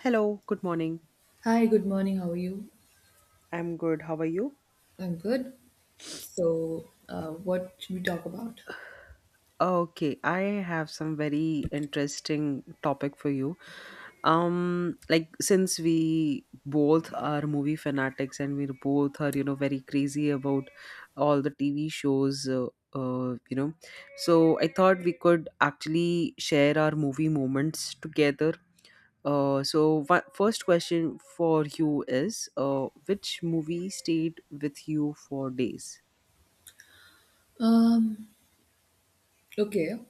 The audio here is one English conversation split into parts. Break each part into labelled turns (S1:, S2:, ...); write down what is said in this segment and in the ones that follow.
S1: Hello, good morning.
S2: Hi, good morning. How are you?
S1: I'm good. How are you?
S2: I'm good. So, what should we talk about?
S1: Okay, I have some very interesting topic for you. Like since we both are movie fanatics and we both are, you know, very crazy about all the TV shows, you know, so I thought we could actually share our movie moments together. First question for you is, which movie stayed with you for days?
S2: Um, okay.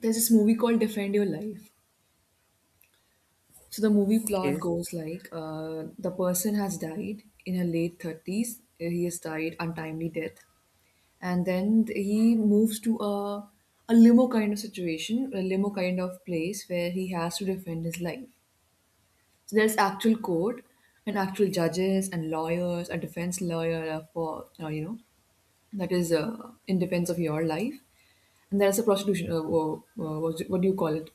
S2: There's this movie called Defend Your Life. So the movie plot
S1: Okay.
S2: goes like the person has died in her late 30s. He has died untimely death, and then he moves to a limo kind of situation, a limo kind of place where he has to defend his life. So there's actual court and actual judges and lawyers, a defense lawyer for you know that is in defense of your life, and there's a prostitution, what do you call it,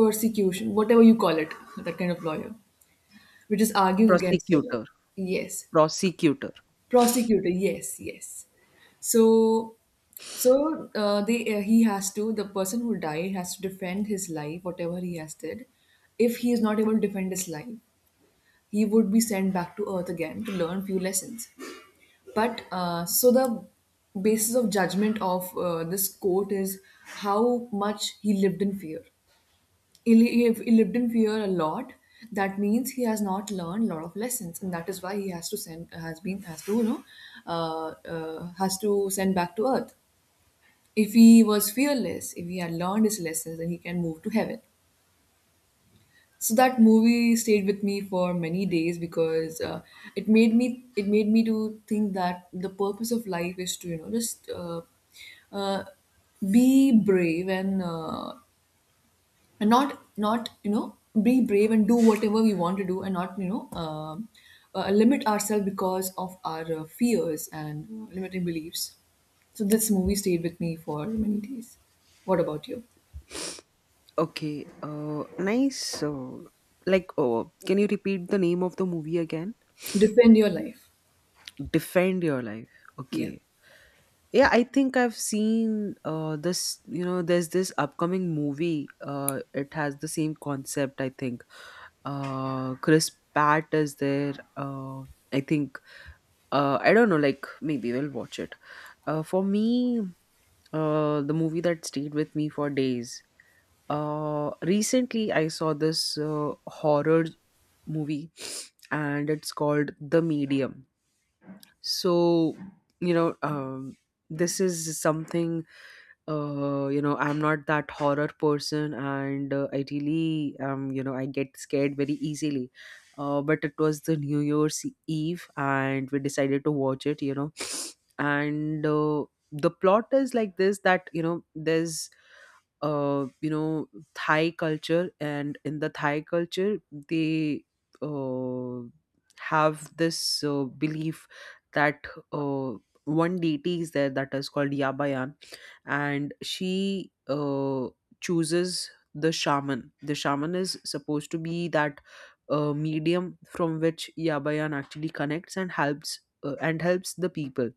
S2: persecution, whatever you call it, that kind of lawyer which is arguing against your life.
S1: Prosecutor.
S2: Yes,
S1: Prosecutor.
S2: prosecutor, yes, yes. So so uh, they uh, he has to, the person who died has to defend his life, whatever he has did. If he is not able to defend his life, he would be sent back to earth again to learn few lessons. But so the basis of judgment of this quote is how much he lived in fear. If he lived in fear a lot, that means he has not learned a lot of lessons, and that is why he has to send, has been, has to you know, has to send back to earth. If he was fearless, if he had learned his lessons, then he can move to heaven. So that movie stayed with me for many days because it made me, it made me to think that the purpose of life is to you know just, uh, be brave and not you know be brave and do whatever we want to do and not you know limit ourselves because of our fears and limiting beliefs. So this movie stayed with me for many days. What about you?
S1: Okay, nice. Oh, can you repeat the name of the movie again?
S2: Defend your life.
S1: Defend Your Life.
S2: Yeah.
S1: Okay. Yeah, I think I've seen this. You know, there's this upcoming movie. It has the same concept, I think. Chris Pratt is there. I think. I don't know. Like, maybe we'll watch it. For me, the movie that stayed with me for days. Recently, I saw this horror movie, and it's called The Medium. So, you know, this is something. You know, I'm not that horror person, and I really, you know, I get scared very easily. But it was the New Year's Eve, and we decided to watch it. You know, and the plot is like this: that you know, there's you know, Thai culture, and in the Thai culture, they uh, have this belief that uh, one deity is there that is called Yabayan, and she chooses the shaman. The shaman is supposed to be that medium from which Yabayan actually connects and helps the people.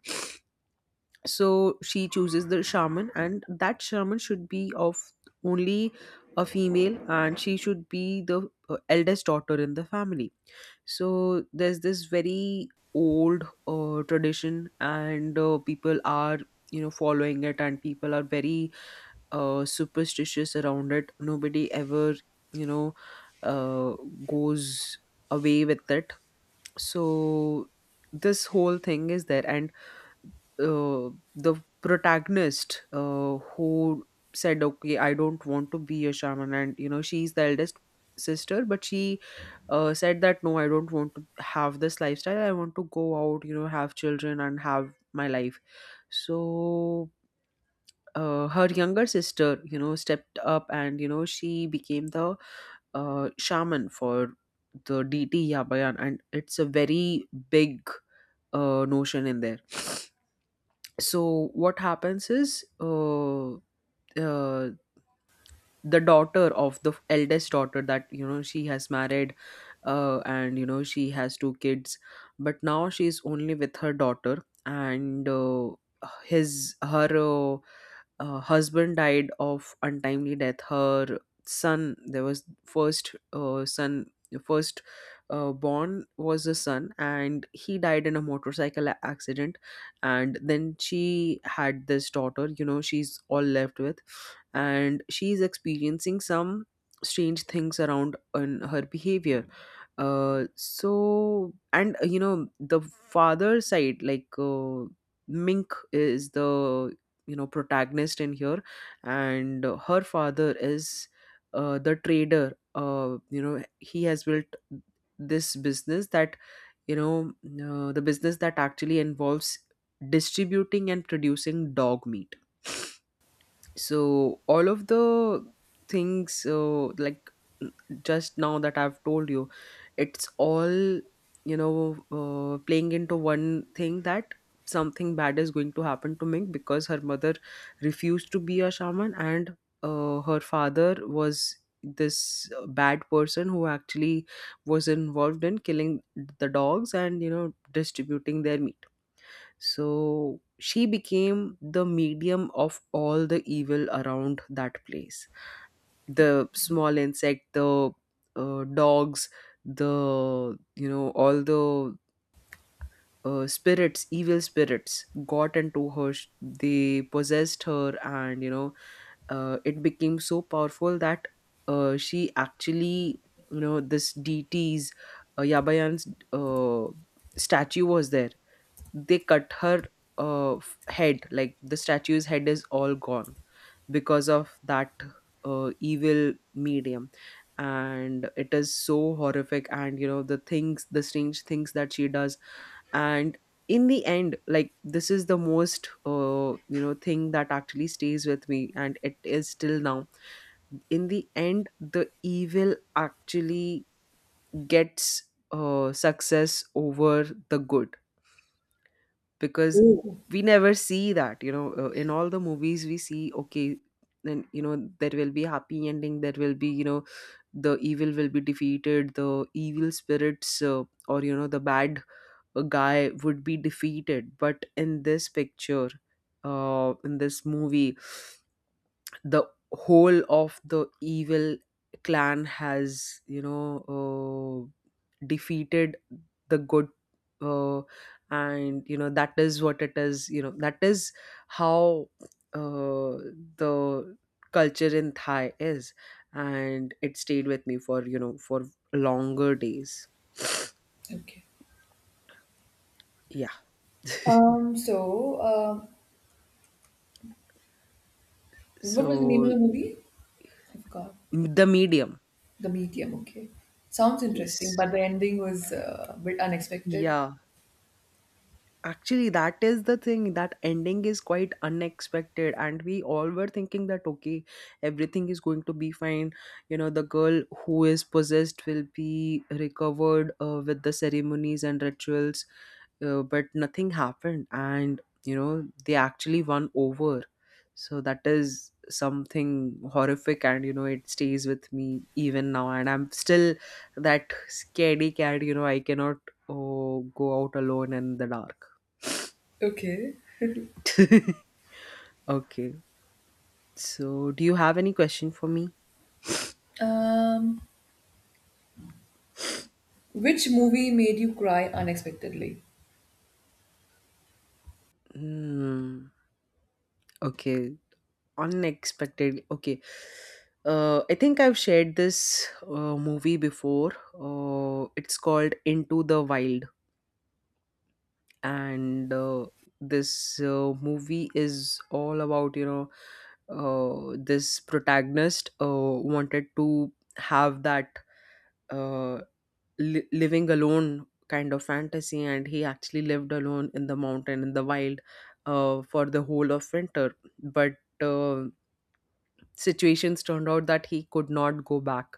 S1: So she chooses the shaman, and that shaman should be of only a female, and she should be the eldest daughter in the family. So there's this very old tradition, and people are, you know, following it, and people are very superstitious around it. Nobody ever, you know, uh, goes away with it. So this whole thing is there, and uh, the protagonist, who said, okay, I don't want to be a shaman, and you know, she's the eldest sister, but she said that, no, I don't want to have this lifestyle, I want to go out, you know, have children and have my life. So her younger sister, you know, stepped up, and you know, she became the shaman for the dt Yabayan, and it's a very big notion in there. So what happens is uh, the daughter of the eldest daughter, that, you know, she has married, and you know, she has two kids. But now she's only with her daughter, and his her uh, husband died of untimely death. Her son, there was first son, first born was a son, and he died in a motorcycle accident. And then she had this daughter, you know, she's all left with, and she's experiencing some strange things around in her behavior. So and You know, the father side, like, Mink is the, you know, protagonist in here. And her father is the trader, you know, he has built this business that, you know, the business that actually involves distributing and producing dog meat. So all of the things, like, n- just now that I've told you, it's all, you know, playing into one thing, that something bad is going to happen to Ming because her mother refused to be a shaman, and her father was this bad person who actually was involved in killing the dogs, and you know, distributing their meat. So she became the medium of all the evil around that place. The small insect, the dogs, the, you know, all the spirits, evil spirits got into her. They possessed her, and, you know, it became so powerful that she actually, you know, this deity's, Yabayan's uh, statue was there, they cut her head, like the statue's head is all gone because of that evil medium. And it is so horrific, and you know, the things, the strange things that she does. And in the end, like, this is the most you know, thing that actually stays with me, and it is still now, in the end, the evil actually gets success over the good. Because
S2: Oh,
S1: we never see that, you know, in all the movies we see, okay, then you know, there will be happy ending, there will be, you know, the evil will be defeated, the evil spirits, or you know, the bad guy would be defeated. But in this picture, in this movie, the whole of the evil clan has, you know, uh, defeated the good, uh, and you know, that is what it is, you know, that is how uh, the culture in Thai is. And it stayed with me for, you know, for longer days.
S2: okay.
S1: Yeah.
S2: So, what was the name of the
S1: So
S2: movie? I forgot.
S1: The Medium.
S2: The Medium, okay. Sounds interesting,
S1: Yes.
S2: but the ending was a bit unexpected.
S1: Yeah. Actually, that is the thing. That ending is quite unexpected, and we all were thinking that okay, everything is going to be fine. You know, the girl who is possessed will be recovered with the ceremonies and rituals, but nothing happened, and you know, they actually won over. So that is something horrific, and you know, it stays with me even now, and I'm still that scaredy cat. You know, I cannot, oh, go out alone in the dark.
S2: Okay.
S1: Okay. So, do you have any question for me?
S2: Um, which movie made you cry unexpectedly?
S1: Hmm. Okay. Unexpected. Okay. I think I've shared this movie before. It's called Into the Wild, and this movie is all about, you know, this protagonist wanted to have that. Uh, Living alone kind of fantasy, and he actually lived alone in the mountain, in the wild, for the whole of winter. But uh, situations turned out that he could not go back,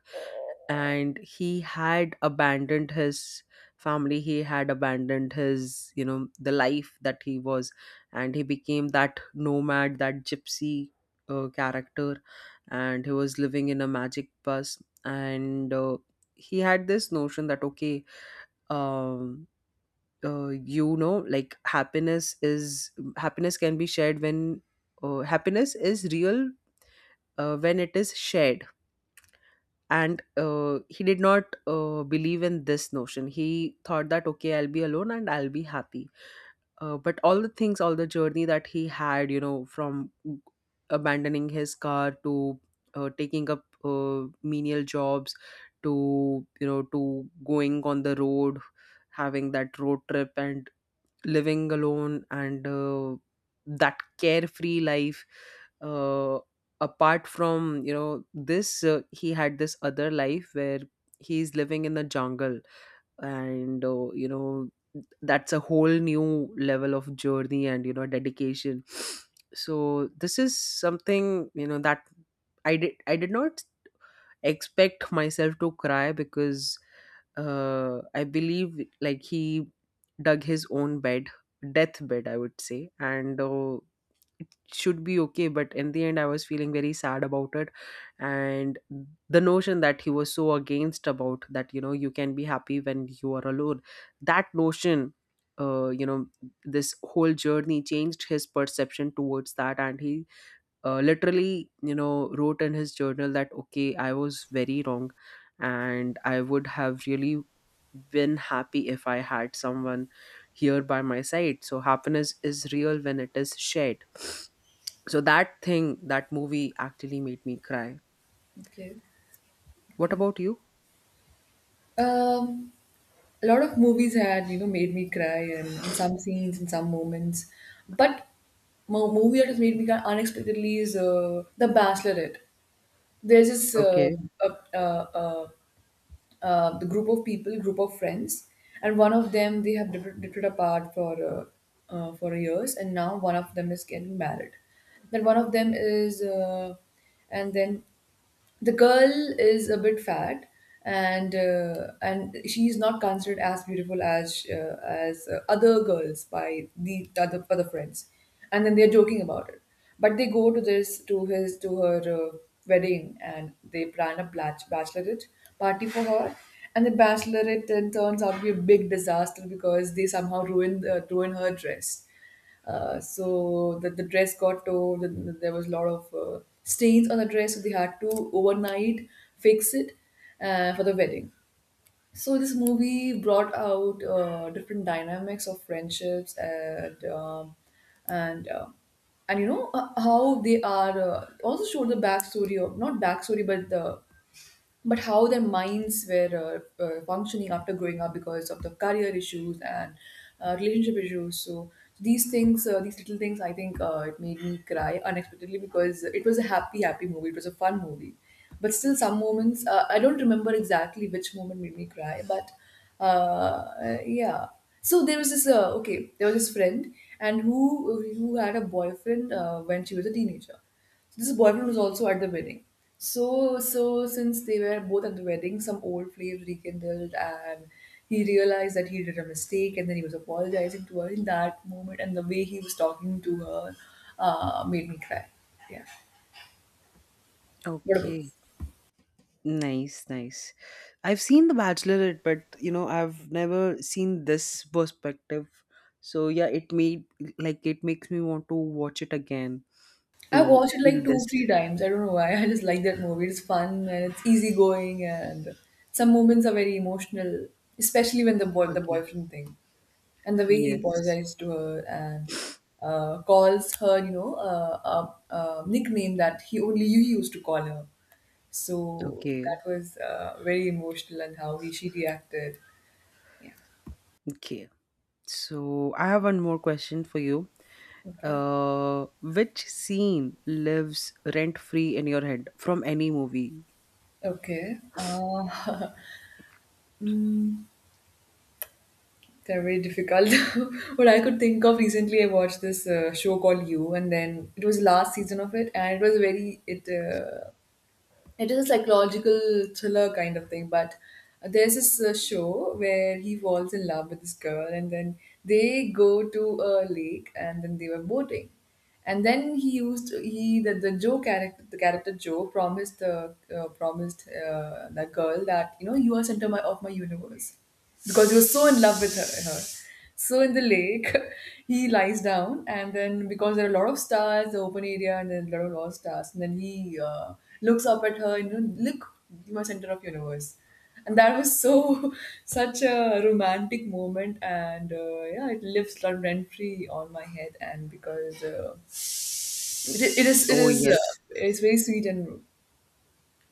S1: and he had abandoned his family, he had abandoned his, you know, the life that he was, and he became that nomad, that gypsy character. And he was living in a magic bus, and he had this notion that, okay, um you know, like, happiness is, happiness can be shared when happiness is real, when it is shared. And he did not believe in this notion, he thought that okay, I'll be alone and I'll be happy. But all the things, all the journey that he had, you know, from abandoning his car to taking up menial jobs, to, you know, to going on the road, having that road trip, and living alone, and that carefree life, uh, apart from, you know, this, he had this other life where he's living in the jungle. And you know, that's a whole new level of journey and, you know, dedication. So this is something, you know, that I did not expect myself to cry, because I believe, like, he dug his own bed, deathbed, I would say, and it should be okay. But in the end, I was feeling very sad about it, and the notion that he was so against about that, you know, you can be happy when you are alone. That notion. You know, this whole journey changed his perception towards that, and he literally, you know, wrote in his journal that, okay, I was very wrong, and I would have really been happy if I had someone here by my side. So happiness is real when it is shared. So that thing, that movie actually made me cry.
S2: Okay,
S1: What
S2: okay.
S1: about you?
S2: Um, a lot of movies had, you know, made me cry, and in some scenes, in some moments. But movie that has made me cry unexpectedly is The Bachelorette. There's this
S1: Okay.
S2: a the group of people, group of friends, and one of them, they have drifted apart for years, and now one of them is getting married. Then one of them is, and then the girl is a bit fat, and she's not considered as beautiful as other girls by the other friends, and then they're joking about it. But they go to this to his to her wedding, and they plan a bachelorette party for her. And the bachelorette then turns out to be a big disaster because they somehow ruin her dress. So the dress got torn. There was a lot of stains on the dress, so they had to overnight fix it for the wedding. So this movie brought out different dynamics of friendships and uh, and you know how they are, also showed the backstory of not backstory but the but how their minds were functioning after growing up because of the career issues and relationship issues. So these things, these little things, I think it made me cry unexpectedly because it was a happy, happy movie. It was a fun movie, but still some moments, I don't remember exactly which moment made me cry, but yeah. So there was this okay, there was this friend and who had a boyfriend when she was a teenager. So this boyfriend was also at the wedding. So so since they were both at the wedding, some old flame rekindled, and he realized that he did a mistake, and then he was apologizing to her in that moment, and the way he was talking to her made me cry. Yeah. What about?
S1: Okay. Nice, nice. I've seen The Bachelorette, but you know, I've never seen this perspective. So yeah, it made, like, it makes me want to watch it again.
S2: I
S1: To
S2: watched it
S1: feel
S2: like two,
S1: this.
S2: three times. I don't know why. I just like that movie. It's fun and it's easygoing, and some moments are very emotional, especially when the boy, the
S1: Okay.
S2: boyfriend thing, and the way he
S1: Yes.
S2: apologized to her and calls her, you know, a nickname that he only you used to call her. So
S1: Okay.
S2: that was very emotional, and how he, she reacted. Yeah.
S1: Okay. So I have one more question for you.
S2: Okay.
S1: Which scene lives rent free in your head from any movie?
S2: Okay. Mm, they're very difficult. What I could think of recently, I watched this show called You, and then it was last season of it, and it was very it. It is a psychological thriller kind of thing, but there's this show where he falls in love with this girl, and then they go to a lake, and then they were boating, and then he used he the joe character the character Joe promised the promised that girl that you know you are center my, of my universe, because he was so in love with her, her, so in the lake, he lies down, and then because there are a lot of stars, the open area, and then a lot of stars, and then he looks up at her, and you know, look, you are center of universe, and that was so such a romantic moment, and yeah, it lives rent free on my head, and because it, it
S1: Oh
S2: is
S1: yes.
S2: it's very sweet and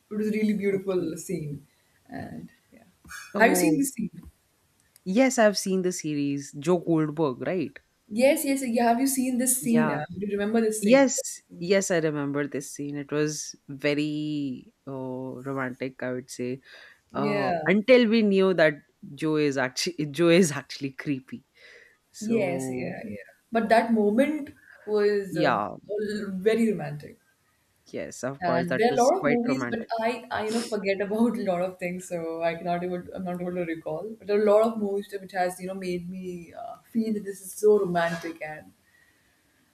S2: it was a really beautiful
S1: Okay.
S2: scene, and yeah, have you seen
S1: Oh
S2: this scene?
S1: yes, I've seen the series Joe Goldberg, right?
S2: Yes, yes, yeah. Have you seen this scene?
S1: Yeah.
S2: Do you remember this scene?
S1: Yes. Yes, I remember this scene. It was very romantic, I would say.
S2: Yeah.
S1: Until we knew that Joe is actually Joe is actually creepy.
S2: Yes, yeah,
S1: So
S2: yeah. But that moment was
S1: yeah,
S2: very romantic.
S1: yes, of course,
S2: And
S1: that
S2: there are a
S1: is
S2: lot of
S1: quite
S2: movies, but
S1: romantic.
S2: you know, forget about a lot of things, so I cannot able, I'm not able to recall. But there are a lot of movies which has, you know, made me feel that this is so romantic, and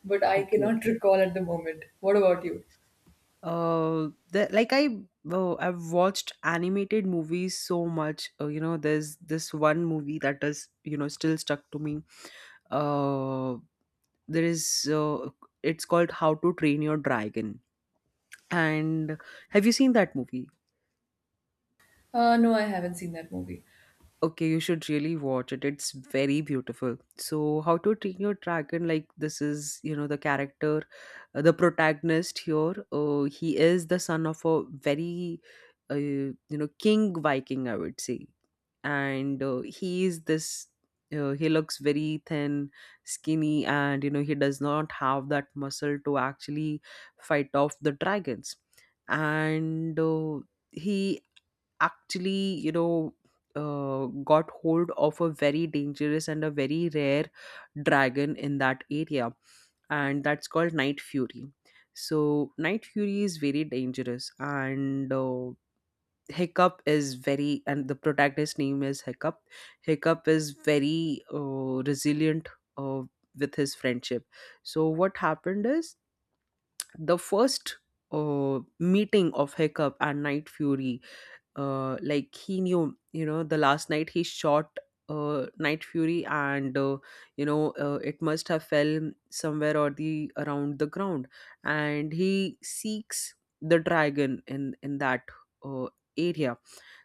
S2: but I
S1: Okay.
S2: cannot recall at the moment. What about you?
S1: Uh, the, like I, I've watched animated movies so much. You know, there's this one movie that is, you know, still stuck to me. Uh, there. Is. It's called How to Train Your Dragon. And have you seen that movie?
S2: No, I haven't seen that movie.
S1: Okay, you should really watch it. It's very beautiful. So, How to Train Your Dragon, like this is, you know, the character, the protagonist here. He is the son of a very, you know, king Viking, I would say. And he is this. He looks very thin, skinny, and, you know, he does not have that muscle to actually fight off the dragons. And He actually got hold of a very dangerous and a very rare dragon in that area, and that's called Night Fury. So, Night Fury is very dangerous, and the protagonist's name is Hiccup. Hiccup is very resilient uh, with his friendship. So, what happened is the first meeting of Hiccup and Night Fury. Like, he knew, you know, the last night he shot Night Fury, and it must have fell somewhere or the around the ground, and he seeks the dragon in that uh, area.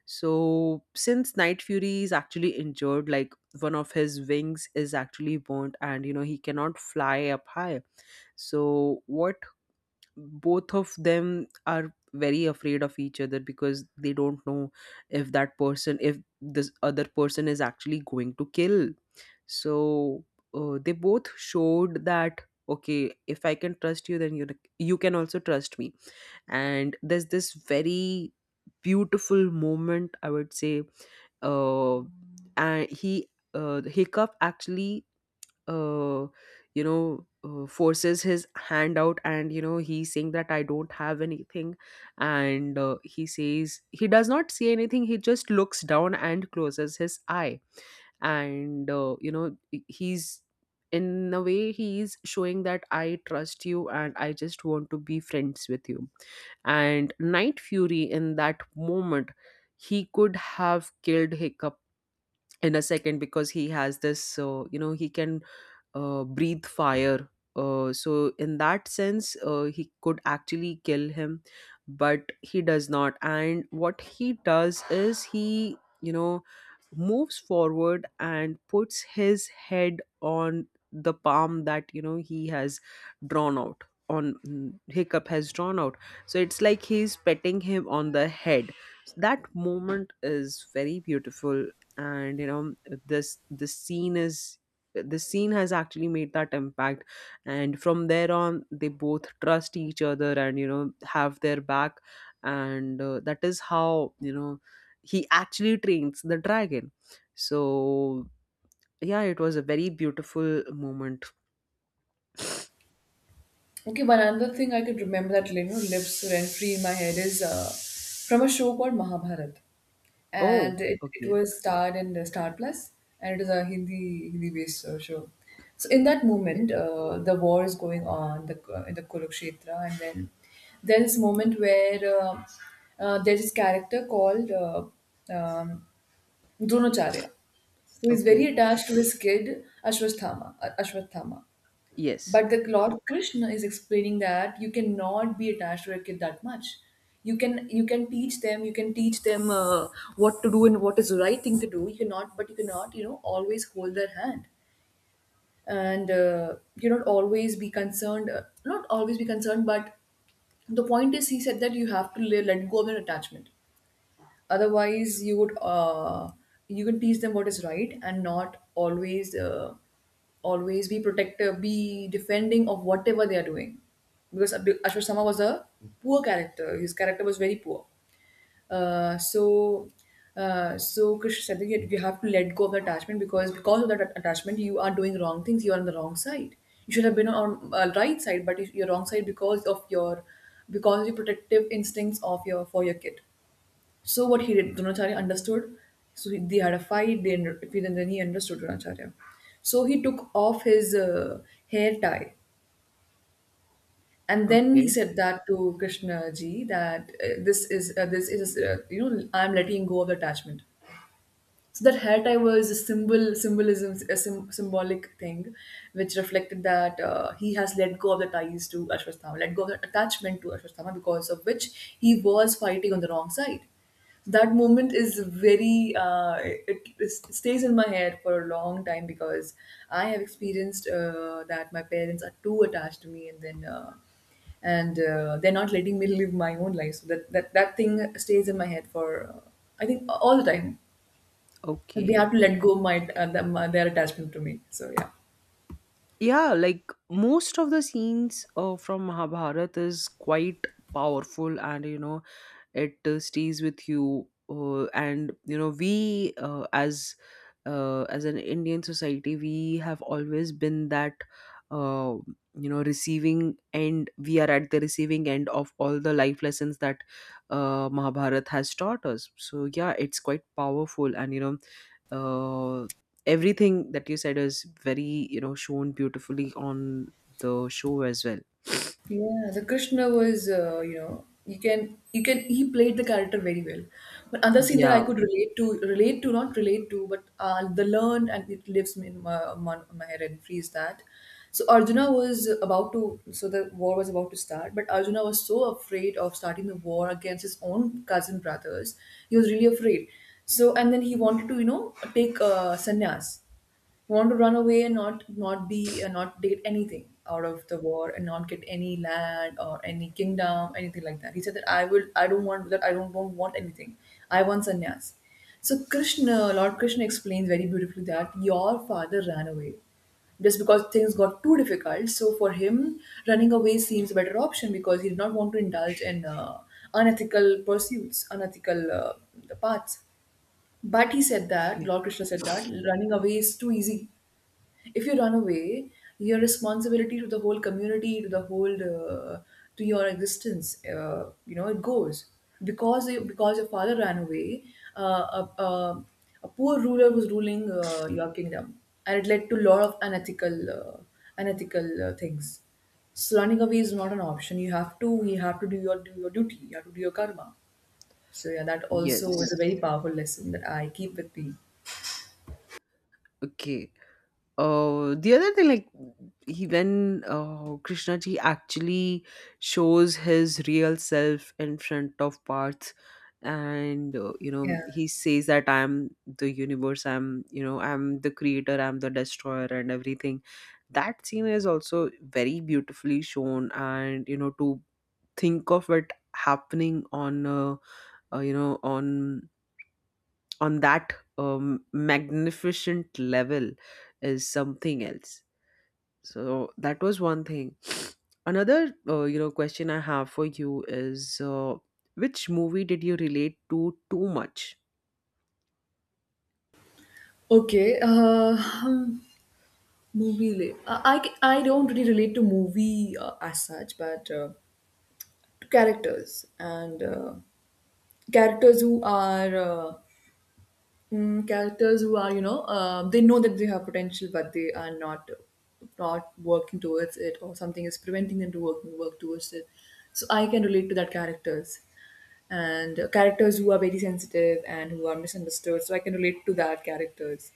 S1: So since Night Fury is actually injured, like one of his wings is actually burnt and, you know, he cannot fly up high so what Both of them are very afraid of each other because they don't know if that person, if this other person is actually going to kill. So they both showed that, okay, if I can trust you, then you can also trust me. And there's this very beautiful moment, I would say uh and he hiccup actually, uh, you know, forces his hand out, and, you know, he's saying that I don't have anything. And He says, he does not say anything, he just looks down and closes his eye. And, he's, in a way he's showing that I trust you and I just want to be friends with you. And Night Fury, in that moment, he could have killed Hiccup in a second, because he has this, so, you know, he can breathe fire. So in that sense, he could actually kill him, but he does not. And what he does is he, you know, moves forward and puts his head on the palm that, you know, he has drawn out on, Hiccup has drawn out. So it's like he's petting him on the head. So that moment is very beautiful, and, you know, this the scene is the scene has actually made that impact. And from there on, they both trust each other and, you know, have their back. And that is how, you know, he actually trains the dragon. So yeah, it was a very beautiful moment.
S2: Okay, one another thing I could remember that you know lives rent free in my head is from a show called Mahabharat,
S1: Oh,
S2: and it
S1: okay,
S2: was starred in the Star Plus, and it is a Hindi based show. So in that
S1: okay,
S2: moment, the war is going on the in the Kurukshetra, and then there is moment where there is this character called um, Dronacharya, who is very
S1: okay.
S2: attached to his kid Ashwatthama. Ashwatthama.
S1: Yes,
S2: But the Lord Krishna is explaining that you cannot be attached to a kid that much. You can teach them, you can teach them what to do and what is the right thing to do. You cannot, but you cannot, you know, always hold their hand, and you not always be concerned. Not always be concerned, but the point is, he said that you have to let go of an attachment. Otherwise, you would you can teach them what is right and not always always be protective, be defending of whatever they are doing. Because Ashwar Sama was a poor character. His character was very poor. Uh, so so Krish said that you have to let go of the attachment because of that attachment you are doing wrong things. You are on the wrong side. You should have been on right side, but you're wrong side because of your, because of your protective instincts of your for your kid. So what he did, Dronacharya understood. So he, they had a fight. They then he understood Dronacharya. So he took off his hair tie, and then he
S1: okay,
S2: said that to Krishna ji that this is this is you know, I am letting go of the attachment. So that hair tie was a symbolic thing which reflected that he has let go of the ties to Ashwatthama, let go of the attachment to Ashwatthama, because of which he was fighting on the wrong side. That moment is very it, it stays in my head for a long time because I have experienced that my parents are too attached to me, and then and they're not letting me live my own life, so that thing stays in my head for I think all the time. They
S1: okay.
S2: have to let go my their attachment to me. So yeah.
S1: Yeah, like most of the scenes from Mahabharata is quite powerful, and, you know, it stays with you, and, you know, we, as an Indian society, we have always been that, uh, you know, receiving end. We are at the receiving end of all the life lessons that Mahabharat has taught us. So yeah, it's quite powerful, and, you know, uh, everything that you said is very, you know, shown beautifully on the show as well.
S2: Yeah, the Krishna was, he played the character very well. But another scene that I
S1: Yeah.
S2: could relate to, relate to, not relate to, but the learn and it lives in my head and frees that. So the war was about to start, but Arjuna was so afraid of starting the war against his own cousin brothers. He was really afraid. So, and then he wanted to, take sannyas. You want to run away and not be not date anything out of the war and not get any land or any kingdom anything like that. He said that I don't want that. I don't want anything. I want sannyas. So krishna lord krishna explains very beautifully that your father ran away just because things got too difficult, so for him running away seems a better option because he did not want to indulge in unethical paths. But he said that,
S1: Okay.
S2: Lord Krishna said that, running away is too easy. If you run away, your responsibility to the whole community, to the whole, to your existence, it goes. Because your father ran away, uh, a, a, a poor ruler was ruling your kingdom, and it led to a lot of unethical things. So running away is not an option. You have to do your duty. You have to do your karma. So yeah, that also was a
S1: Yes.
S2: very powerful lesson that I keep with me.
S1: Okay. The other thing, like he when Krishna ji actually shows his real self in front of Parth, and, you know,
S2: Yeah.
S1: he says that I am the universe, I'm, you know, I'm the creator, I'm the destroyer, and everything. That scene is also very beautifully shown, and, you know, to think of it happening on, uh, you know on on that magnificent level is something else. So that was one thing. Another, you know, question I have for you is, which movie did you relate to too much?
S2: Okay. Movie. I don't really relate to movie as such, but to characters and characters who are characters who are they know that they have potential but they are not working towards it or something is preventing them to work towards it. So I can relate to that characters. And characters who are very sensitive and who are misunderstood, so I can relate to that characters.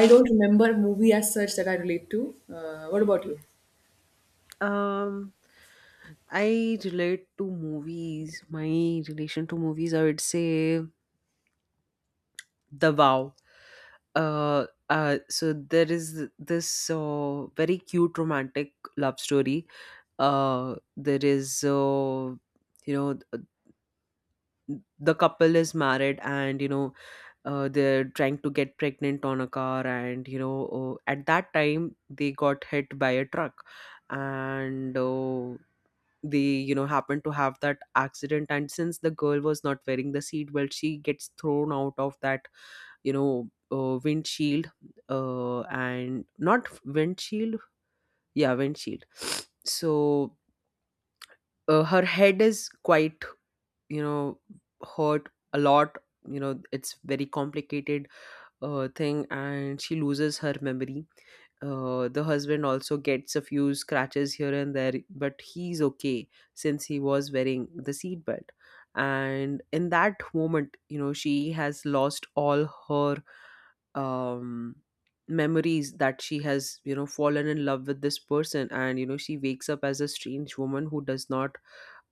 S2: I don't remember a movie as such that I relate to. What about you?
S1: um I relate to movies my Relation to movies, I would say, the Vow. So there is this very cute romantic love story. There is You know, the couple is married, and, you know, they're trying to get pregnant on a car, and, you know, at that time they got hit by a truck. And they, you know, happened to have that accident, and since the girl was not wearing the seatbelt, she gets thrown out of that, you know, windshield. And not windshield, yeah, windshield. So her head is quite, you know, hurt a lot. You know, it's very complicated thing, and she loses her memory. The husband also gets a few scratches here and there, but he's okay, since he was wearing the seatbelt. And in that moment, you know, she has lost all her um memories that she has, you know, fallen in love with this person. And, you know, she wakes up as a strange woman who does not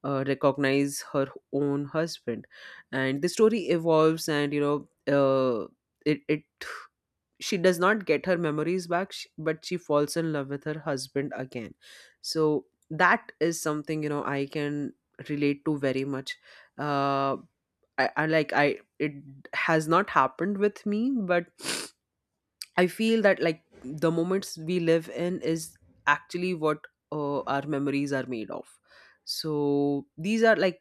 S1: recognize her own husband. And the story evolves, and, you know, uh, it, she does not get her memories back, but she falls in love with her husband again. So that is something, you know, I can relate to very much. Uh, I, I like, I it has not happened with me, but I feel that, like, the moments we live in is actually what our memories are made of. So these are like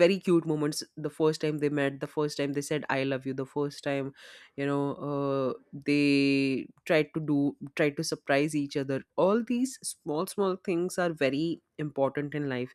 S1: very cute moments, the first time they met, the first time they said I love you, the first time, you know, they tried to do tried to surprise each other. All these small small things are very important in life.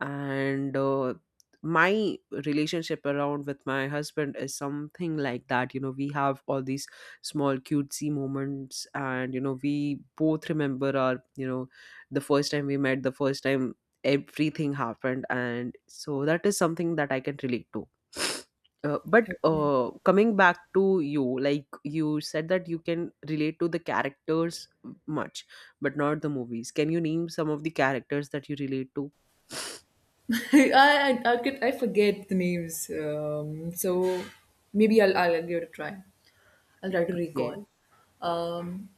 S1: And my relationship around with my husband is something like that. You know, we have all these small cutesy moments, and, you know, we both remember our, you know, the first time we met, the first time everything happened. And so that is something that I can relate to. uh, but
S2: Okay.
S1: uh, coming back to you, like, you said that you can relate to the characters much but not the movies. Can you name some of the characters that you relate to?
S2: I could, I forget the names. So maybe I'll give it a try. I'll try to recall. Um,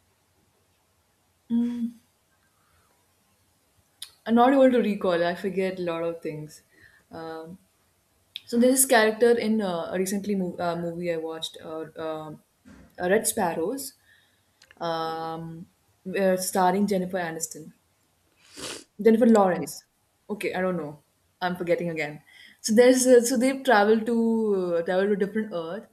S2: I'm not able to recall. I forget a lot of things. Um, so there's this character in a recently movie I watched, um Red Sparrows, um, starring Jennifer Aniston. Jennifer
S1: Okay.
S2: Lawrence. Okay, I don't know. I'm forgetting again. So there's so they travel to different Earth,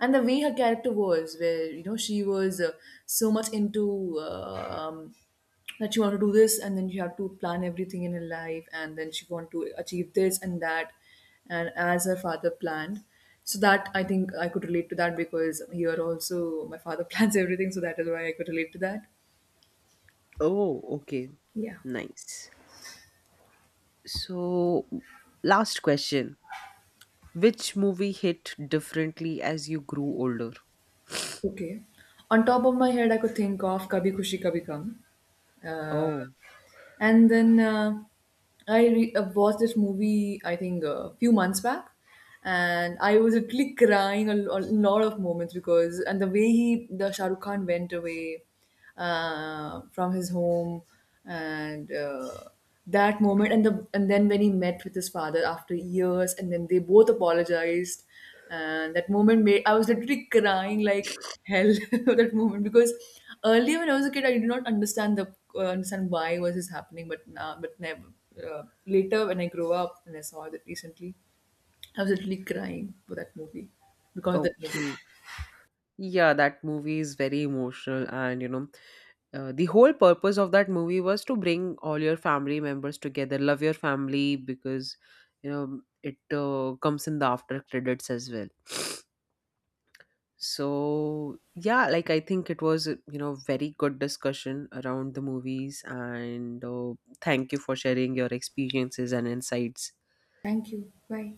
S2: and the way her character was, where you know she was so much into that she wanted to do this, and then she had to plan everything in her life, and then she wanted to achieve this and that, and as her father planned. So that I think I could relate to, that because here also my father plans everything, so that is why I could relate to that.
S1: Oh, okay.
S2: Yeah.
S1: Nice. So, last question. Which movie hit differently as you grew older?
S2: Okay. On top of my head, I could think of Kabhi Khushi Kabhi Gum. Uh,
S1: Oh,
S2: and then I watched this movie, I think, a few months back. And I was literally crying a, a lot of moments because, and the way he, the Shah Rukh Khan went away from his home, and that moment and the, and then when he met with his father after years and then they both apologized, and that moment made, I was literally crying like hell that moment. Because earlier when I was a kid, I did not understand the understand why was this happening, but now but never later when I grew up and I saw that recently, I was literally crying for that movie, because of that movie.
S1: okay. Yeah, that movie is very emotional, and, you know, the whole purpose of that movie was to bring all your family members together. Love your family, because, you know, it comes in the after credits as well. So, yeah, like, I think it was, you know, very good discussion around the movies, and thank you for sharing your experiences and insights.
S2: Thank you, bye.